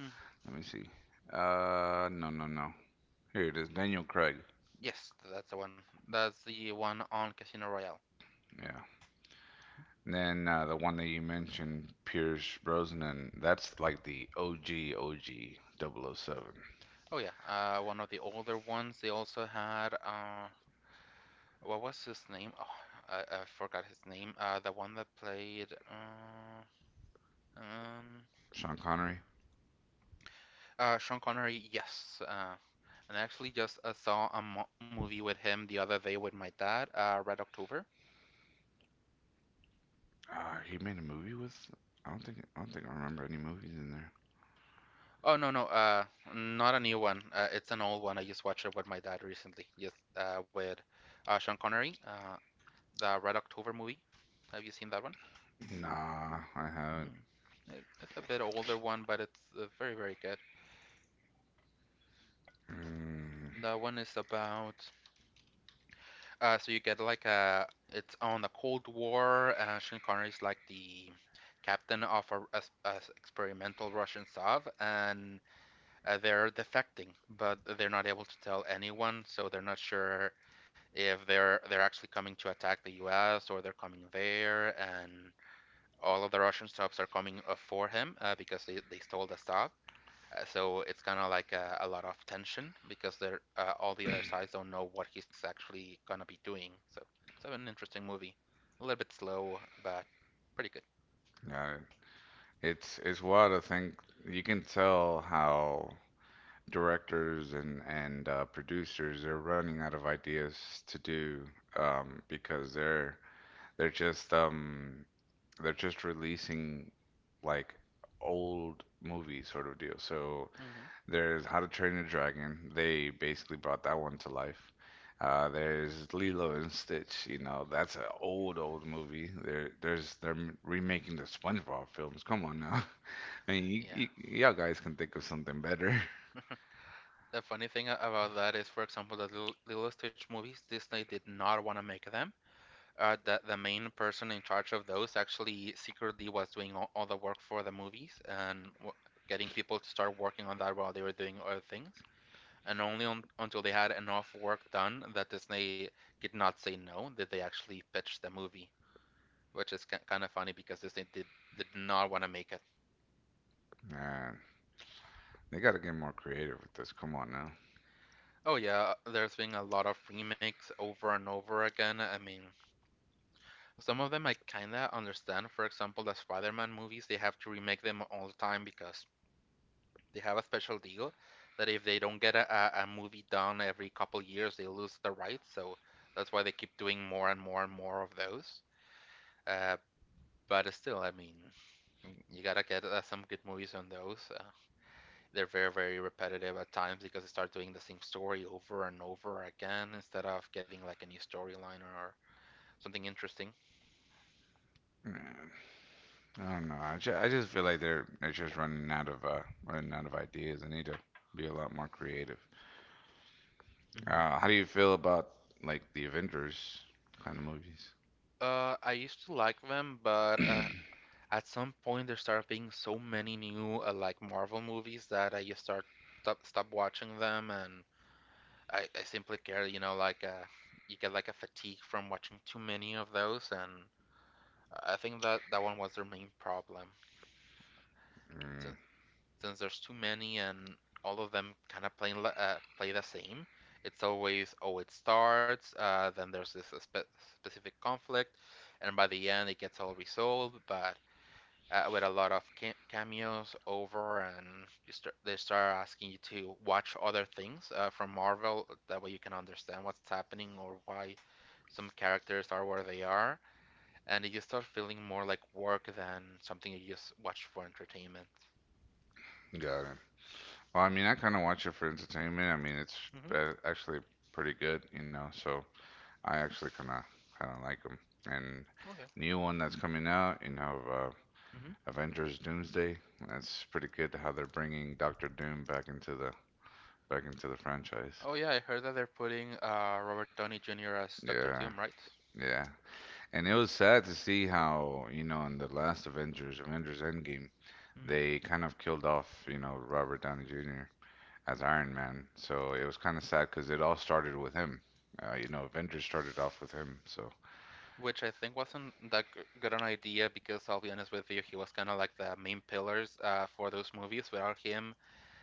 S2: Hmm.
S1: Let me see. Uh, no, no, no. Here it is, Daniel Craig.
S2: Yes, that's the one. That's the one on Casino Royale.
S1: Yeah. And then uh, the one that you mentioned, Pierce Brosnan. That's like the O G, O G double oh seven.
S2: Oh yeah, uh, one of the older ones. They also had uh, what was his name? Oh, I, I forgot his name. Uh, the one that played uh, um,
S1: Sean Connery.
S2: uh, Sean Connery. Yes, uh, and I actually just uh, saw a mo- movie with him the other day with my dad. Uh, Red October.
S1: Uh, he made a movie with. I don't think. I don't think I remember any movies in there.
S2: Oh no no uh not a new one. Uh, it's an old one. I just watched it with my dad recently. Yes, uh, with uh, Sean Connery. Uh, the Red October movie. Have you seen that one?
S1: Nah, I haven't.
S2: Hmm. It's a bit older one, but it's uh, very very good.
S1: Mm,
S2: That one is about Uh, so you get like a it's on the Cold War. Uh, Sean Connery's like the captain of a a, a experimental Russian Tsov, and uh, they're defecting, but they're not able to tell anyone, so they're not sure if they're they're actually coming to attack the U S or they're coming there, and all of the Russian Tsovs are coming uh, for him uh, because they, they stole the Tsov. Uh, so it's kind of like a, a lot of tension because they're uh, all the other sides don't know what he's actually gonna be doing. So it's so an interesting movie. A little bit slow, but pretty good.
S1: yeah, it's it's wild to think. You can tell how directors and and uh, producers they're running out of ideas to do um, because they're they're just um, they're just releasing like old movie sort of deal. So
S2: Mhm.
S1: there's How to Train Your Dragon. They basically brought that one to life. Uh, there's Lilo and Stitch. You know that's an old old movie. There there's they're remaking the SpongeBob films. Come on now. I mean, you,
S2: Yeah.
S1: you, y'all guys can think of something better.
S2: The funny thing about that is, for example, the Lil- Lilo Stitch movies, Disney did not want to make them. Uh, the, the main person in charge of those actually secretly was doing all, all the work for the movies and w- getting people to start working on that while they were doing other things. And only on, until they had enough work done that Disney did not say no, did they actually pitch the movie, which is ki- kind of funny because Disney did did not want to make it.
S1: Uh, They got to get more creative with this. Come on now.
S2: Oh yeah, there's been a lot of remakes over and over again. I mean, some of them I kinda understand. For example, the Spider-Man movies, they have to remake them all the time because they have a special deal that if they don't get a, a, a movie done every couple years, they lose the rights. So that's why they keep doing more and more and more of those. Uh, But still, I mean, you gotta get uh, some good movies on those. Uh, they're very, very repetitive at times because they start doing the same story over and over again instead of getting like a new storyline or something interesting.
S1: Man, I don't know. I just, I just feel like they're they're just running out of uh running out of ideas. They need to be a lot more creative.
S2: Hmm.
S1: Uh, how do you feel about like the Avengers kind of movies?
S2: Uh, I used to like them, but uh, at some point there started being so many new uh, like Marvel movies that I just start stop, stop watching them, and I, I simply care, you know, like uh, you get like a fatigue from watching too many of those, and I think that that one was their main problem. since,
S1: Mm,
S2: since there's too many and all of them kind of playing uh, play the same. It's always, oh, it starts, uh, then there's this spe- specific conflict, and by the end it gets all resolved. But uh, with a lot of ca- cameos over, and you start, they start asking you to watch other things uh, from Marvel. That way you can understand what's happening or why some characters are where they are. And you start feeling more like work than something you just watch for entertainment.
S1: got it. Well, I mean, I kind of watch it for entertainment. I mean, it's
S2: Mm-hmm.
S1: uh, actually pretty good, you know. So I actually kind of kind of like them. And
S2: Oh yeah.
S1: new one that's coming out, you know, uh,
S2: Hmm.
S1: Avengers Doomsday. That's pretty good how they're bringing Doctor Doom back into the back into the franchise.
S2: Oh yeah, I heard that they're putting uh, Robert Downey Junior as Doctor
S1: Yeah,
S2: Doom, right?
S1: yeah. And it was sad to see how you know in the last Avengers, Avengers Endgame,
S2: Hmm.
S1: they kind of killed off you know Robert Downey Junior as Iron Man. So it was kind of sad because it all started with him. Uh, you know, Avengers started off with him. So
S2: Which I think wasn't that g- good an idea because I'll be honest with you, he was kind of like the main pillars uh, for those movies. Without him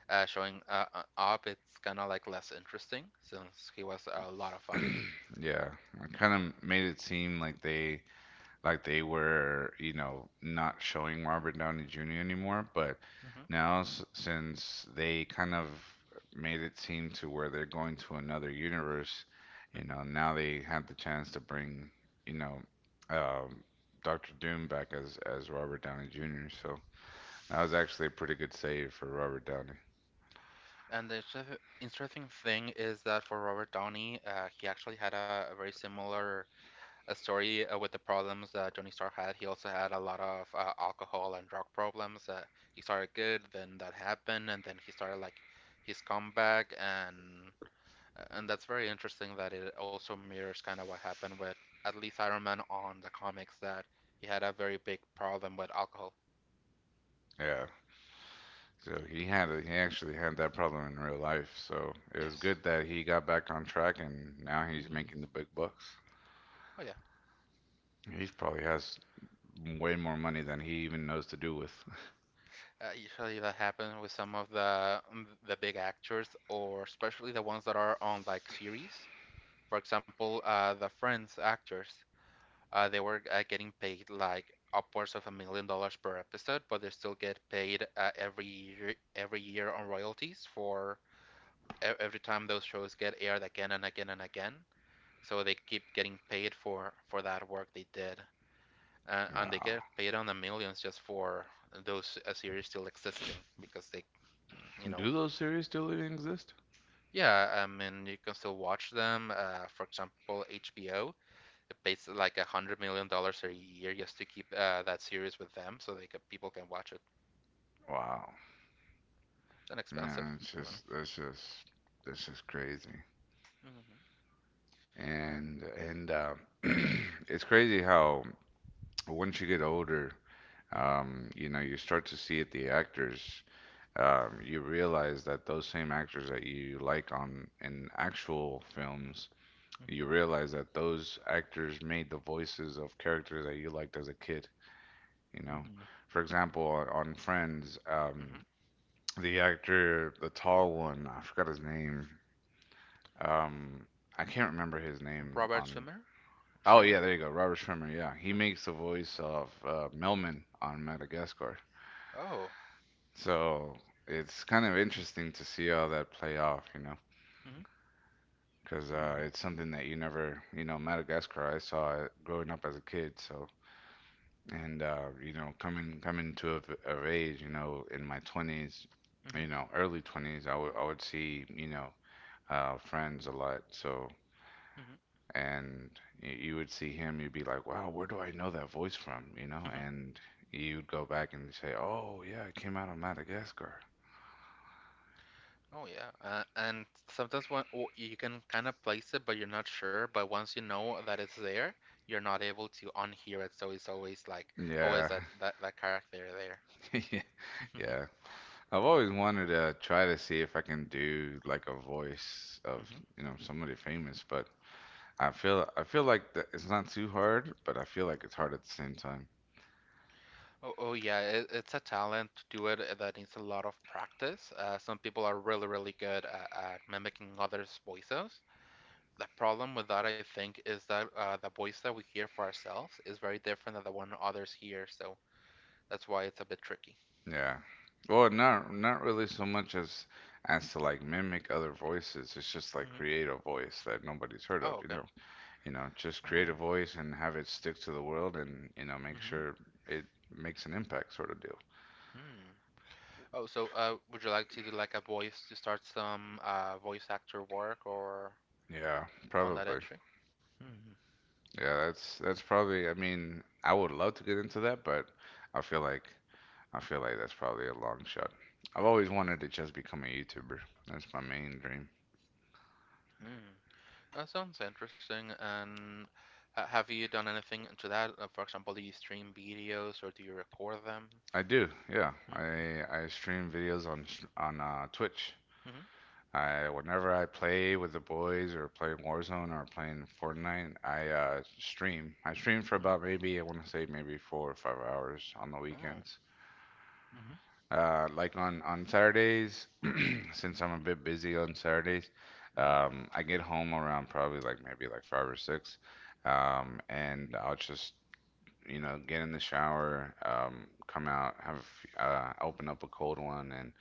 S2: uh, showing uh, uh, up, it's kind of like less interesting since he was a lot of fun.
S1: yeah, it kind of made it seem like they like they were, you know, not showing Robert Downey Junior anymore. But
S2: Hmm.
S1: now, s- since they kind of made it seem to where they're going to another universe, you
S2: Hmm.
S1: know, now they have the chance to bring, you know, um, Doctor Doom back as as Robert Downey Junior So that was actually a pretty good save for Robert Downey.
S2: And the inter- interesting thing is that for Robert Downey, uh, he actually had a, a very similar a story uh, with the problems uh, Tony Stark had. He also had a lot of uh, alcohol and drug problems. Uh, he started good, then that happened, and then he started like his comeback, and uh, and that's very interesting that it also mirrors kind of what happened with at least Iron Man on the comics that he had a very big problem with alcohol.
S1: Yeah. So he had a, he actually had that problem in real life. So it was
S2: Yes.
S1: good that he got back on track and now he's
S2: Mm.
S1: making the big bucks.
S2: Oh yeah.
S1: He probably has way more money than he even knows to do with.
S2: Uh, usually that happens with some of the um, the big actors, or especially the ones that are on like series. For example, uh, the Friends actors. Uh, they were uh, getting paid like upwards of a million dollars per episode, but they still get paid uh, every year, every year on royalties for e- every time those shows get aired again and again and again. So they keep getting paid for for that work they did, uh, and they
S1: Wow.
S2: get paid on the millions just for those uh, series still existing because they, you know,
S1: Do those series still even exist?
S2: yeah, I mean you can still watch them. Uh, for example, H B O pays like a hundred million dollars a year just to keep uh, that series with them, so they can, people can watch it.
S1: Wow.
S2: It's an expensive
S1: Man, it's
S2: one.
S1: just that's just that's just crazy.
S2: Mm-hmm. And.
S1: And and uh, it's crazy how once you get older,
S2: Mhm.
S1: um, you know, you start to see it the actors. Um, you realize that those same actors that you like on in actual films, you realize that those actors made the voices of characters that you liked as a kid. You know,
S2: Mhm.
S1: for example, on, on Friends, um,
S2: Mhm.
S1: the actor, the tall one, I forgot his name. Um, I can't remember his name
S2: Robert
S1: on.
S2: Swimmer,
S1: Oh
S2: Schwimmer.
S1: yeah, there you go, Robert Schwimmer. Yeah, he
S2: Yes.
S1: makes the voice of uh, Melman on Madagascar.
S2: Oh.
S1: So it's kind of interesting to see how that play off, you know,
S2: Mhm.
S1: because uh,
S2: Mhm.
S1: it's something that you never, you know, Madagascar. I saw it growing up as a kid, so and uh, you know, coming coming to of, of age, you know, in my twenties,
S2: Mhm.
S1: you know, early twenties, i would i would see, you know, uh, Friends a lot, so
S2: Mhm.
S1: and y- you would see him, you'd be like, wow, where do I know that voice from, you know,
S2: Mhm.
S1: and you'd go back and say, oh yeah, it came out of Madagascar.
S2: Oh yeah. Uh, and sometimes when w- you can kind of place it, but you're not sure. But once you know that it's there, you're not able to unhear it. So it's always like, oh, is
S1: Yeah.
S2: that that, that character there?
S1: Yeah, I've always wanted to try to see if I can do like a voice of,
S2: Hmm.
S1: you know, somebody famous, but I feel I feel like that it's not too hard, but I feel like it's hard at the same time.
S2: Oh, oh yeah, it, it's a talent to do it uh, that needs a lot of practice. Uh, some people are really, really good at, at mimicking others' voices. The problem with that, I think, is that uh, the voice that we hear for ourselves is very different than the one others hear, so that's why it's a bit tricky.
S1: Yeah. Well, not not really so much as as to like mimic other voices. It's just like
S2: Hmm.
S1: create a voice that nobody's heard
S2: Oh,
S1: of, you
S2: okay.
S1: know. You know, just
S2: Oh.
S1: create a voice and have it stick to the world and, you know, make
S2: Mm-hmm.
S1: sure it makes an impact sort of deal.
S2: Hmm. Oh, so uh, would you like to do like a voice to start some uh, voice actor work or
S1: Yeah,
S2: on that
S1: probably.
S2: entry? Hmm.
S1: Yeah, that's that's probably, I mean, I would love to get into that, but I feel like I feel like that's probably a long shot. I've always wanted to just become a YouTuber. That's my main dream.
S2: Hmm. That sounds interesting. And ha have you done anything to that? Uh, For example, do you stream videos or do you record them?
S1: I do, yeah.
S2: Mm-hmm.
S1: I I stream videos on on uh, Twitch. I whenever I play with the boys or playing Warzone or playing Fortnite, I uh, stream. I stream for
S2: Mm-hmm.
S1: about maybe, I want to say, maybe four or five hours on the weekends.
S2: Oh. Mm-hmm.
S1: Uh, like on on Saturdays, since I'm a bit busy on Saturdays,
S2: Mm-hmm.
S1: um, I get home around probably like maybe like five or six, um, and I'll just, you know, get in the shower, um, come out, have a f- uh, open up a cold one, and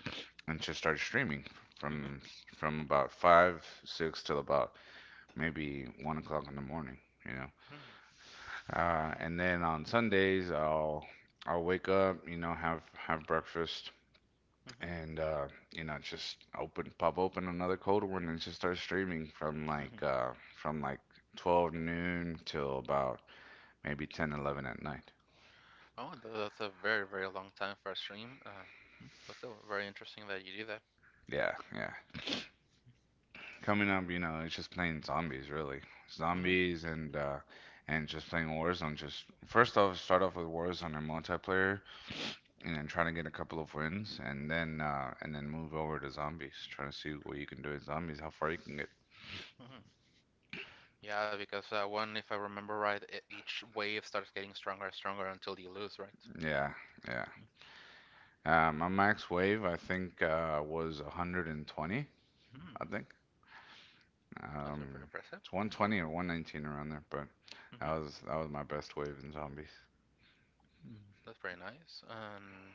S1: and just start streaming
S2: Mm-hmm.
S1: from from about five, six till about maybe one o'clock in the morning. You know,
S2: Mm-hmm.
S1: uh, and then on Sundays I'll I'll wake up, you know, have have breakfast, and uh, you know, just open pop open another cold one and just start streaming from like
S2: Mm-hmm.
S1: uh, from like twelve noon till about maybe ten, eleven at night.
S2: Oh, th- that's a very, very long time for a stream. Uh, mm, but still very interesting that you do that.
S1: Yeah, yeah. Coming up, you know, it's just playing zombies, really.
S2: Mm-hmm.
S1: Zombies and uh and just playing Warzone. Just first off, start off with Warzone and multiplayer, and then trying to get a couple of wins, and then uh and then move over to zombies, trying to see what you can do in zombies, how far you can get.
S2: Mm-hmm. Yeah, because uh, one, if I remember right, e- each wave starts getting stronger and stronger until you lose, right?
S1: Yeah, yeah. Uh, my max wave, I think, uh was one hundred twenty.
S2: Hmm.
S1: I think,
S2: That's very
S1: um,
S2: impressive.
S1: it's one twenty or one nineteen around there, but
S2: Hmm.
S1: that was that was my best wave in zombies.
S2: That's pretty nice. Um,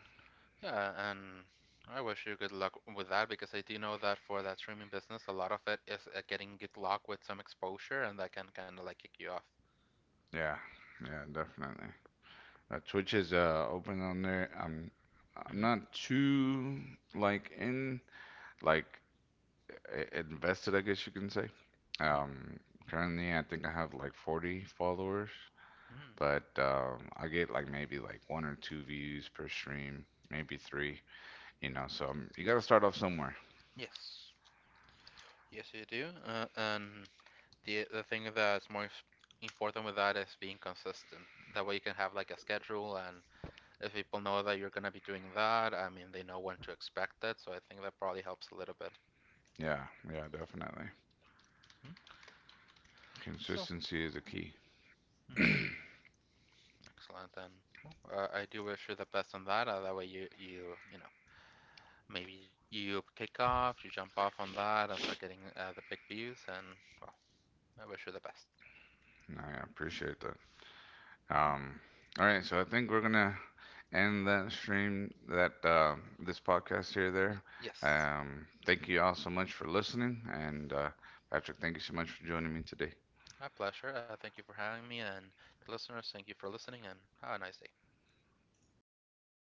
S2: Yeah, and I wish you good luck with that because I do know that for that streaming business, a lot of it is uh, getting good luck with some exposure, and that can kind of like kick you off.
S1: Yeah, yeah, definitely. Uh, Twitch is uh, open on there. I'm I'm
S2: Mm-hmm.
S1: not too like in like i- invested, I guess you can say.
S2: Mm-hmm.
S1: Um, currently, I think I have like forty followers,
S2: Mm.
S1: but um, I get like maybe like one or two views per stream, maybe three. You know, so um, you gotta start off somewhere.
S2: Yes. Yes, you do. Uh, and the the thing that's more s- important with that is being consistent. That way you can have like a schedule, and if people know that you're gonna be doing that, I mean, they know when to expect it. So I think that probably helps a little bit.
S1: Yeah, yeah, definitely.
S2: Mm. So.
S1: Consistency is the key.
S2: Excellent then. Well, Uh, I do wish you the best on that. Uh, that way you you you know maybe you kick off, you jump off on that, and start getting uh, the big views. And well, I wish you the best.
S1: And I appreciate that. Um, all right, so I think we're gonna end that stream, that uh, this podcast here.
S2: Y-
S1: There.
S2: yes,
S1: Um, thank you all so much for listening, and uh, Patrick, thank you so much for joining me today.
S2: my pleasure. Uh, thank you for having me, and listeners, thank you for listening, and have a nice day.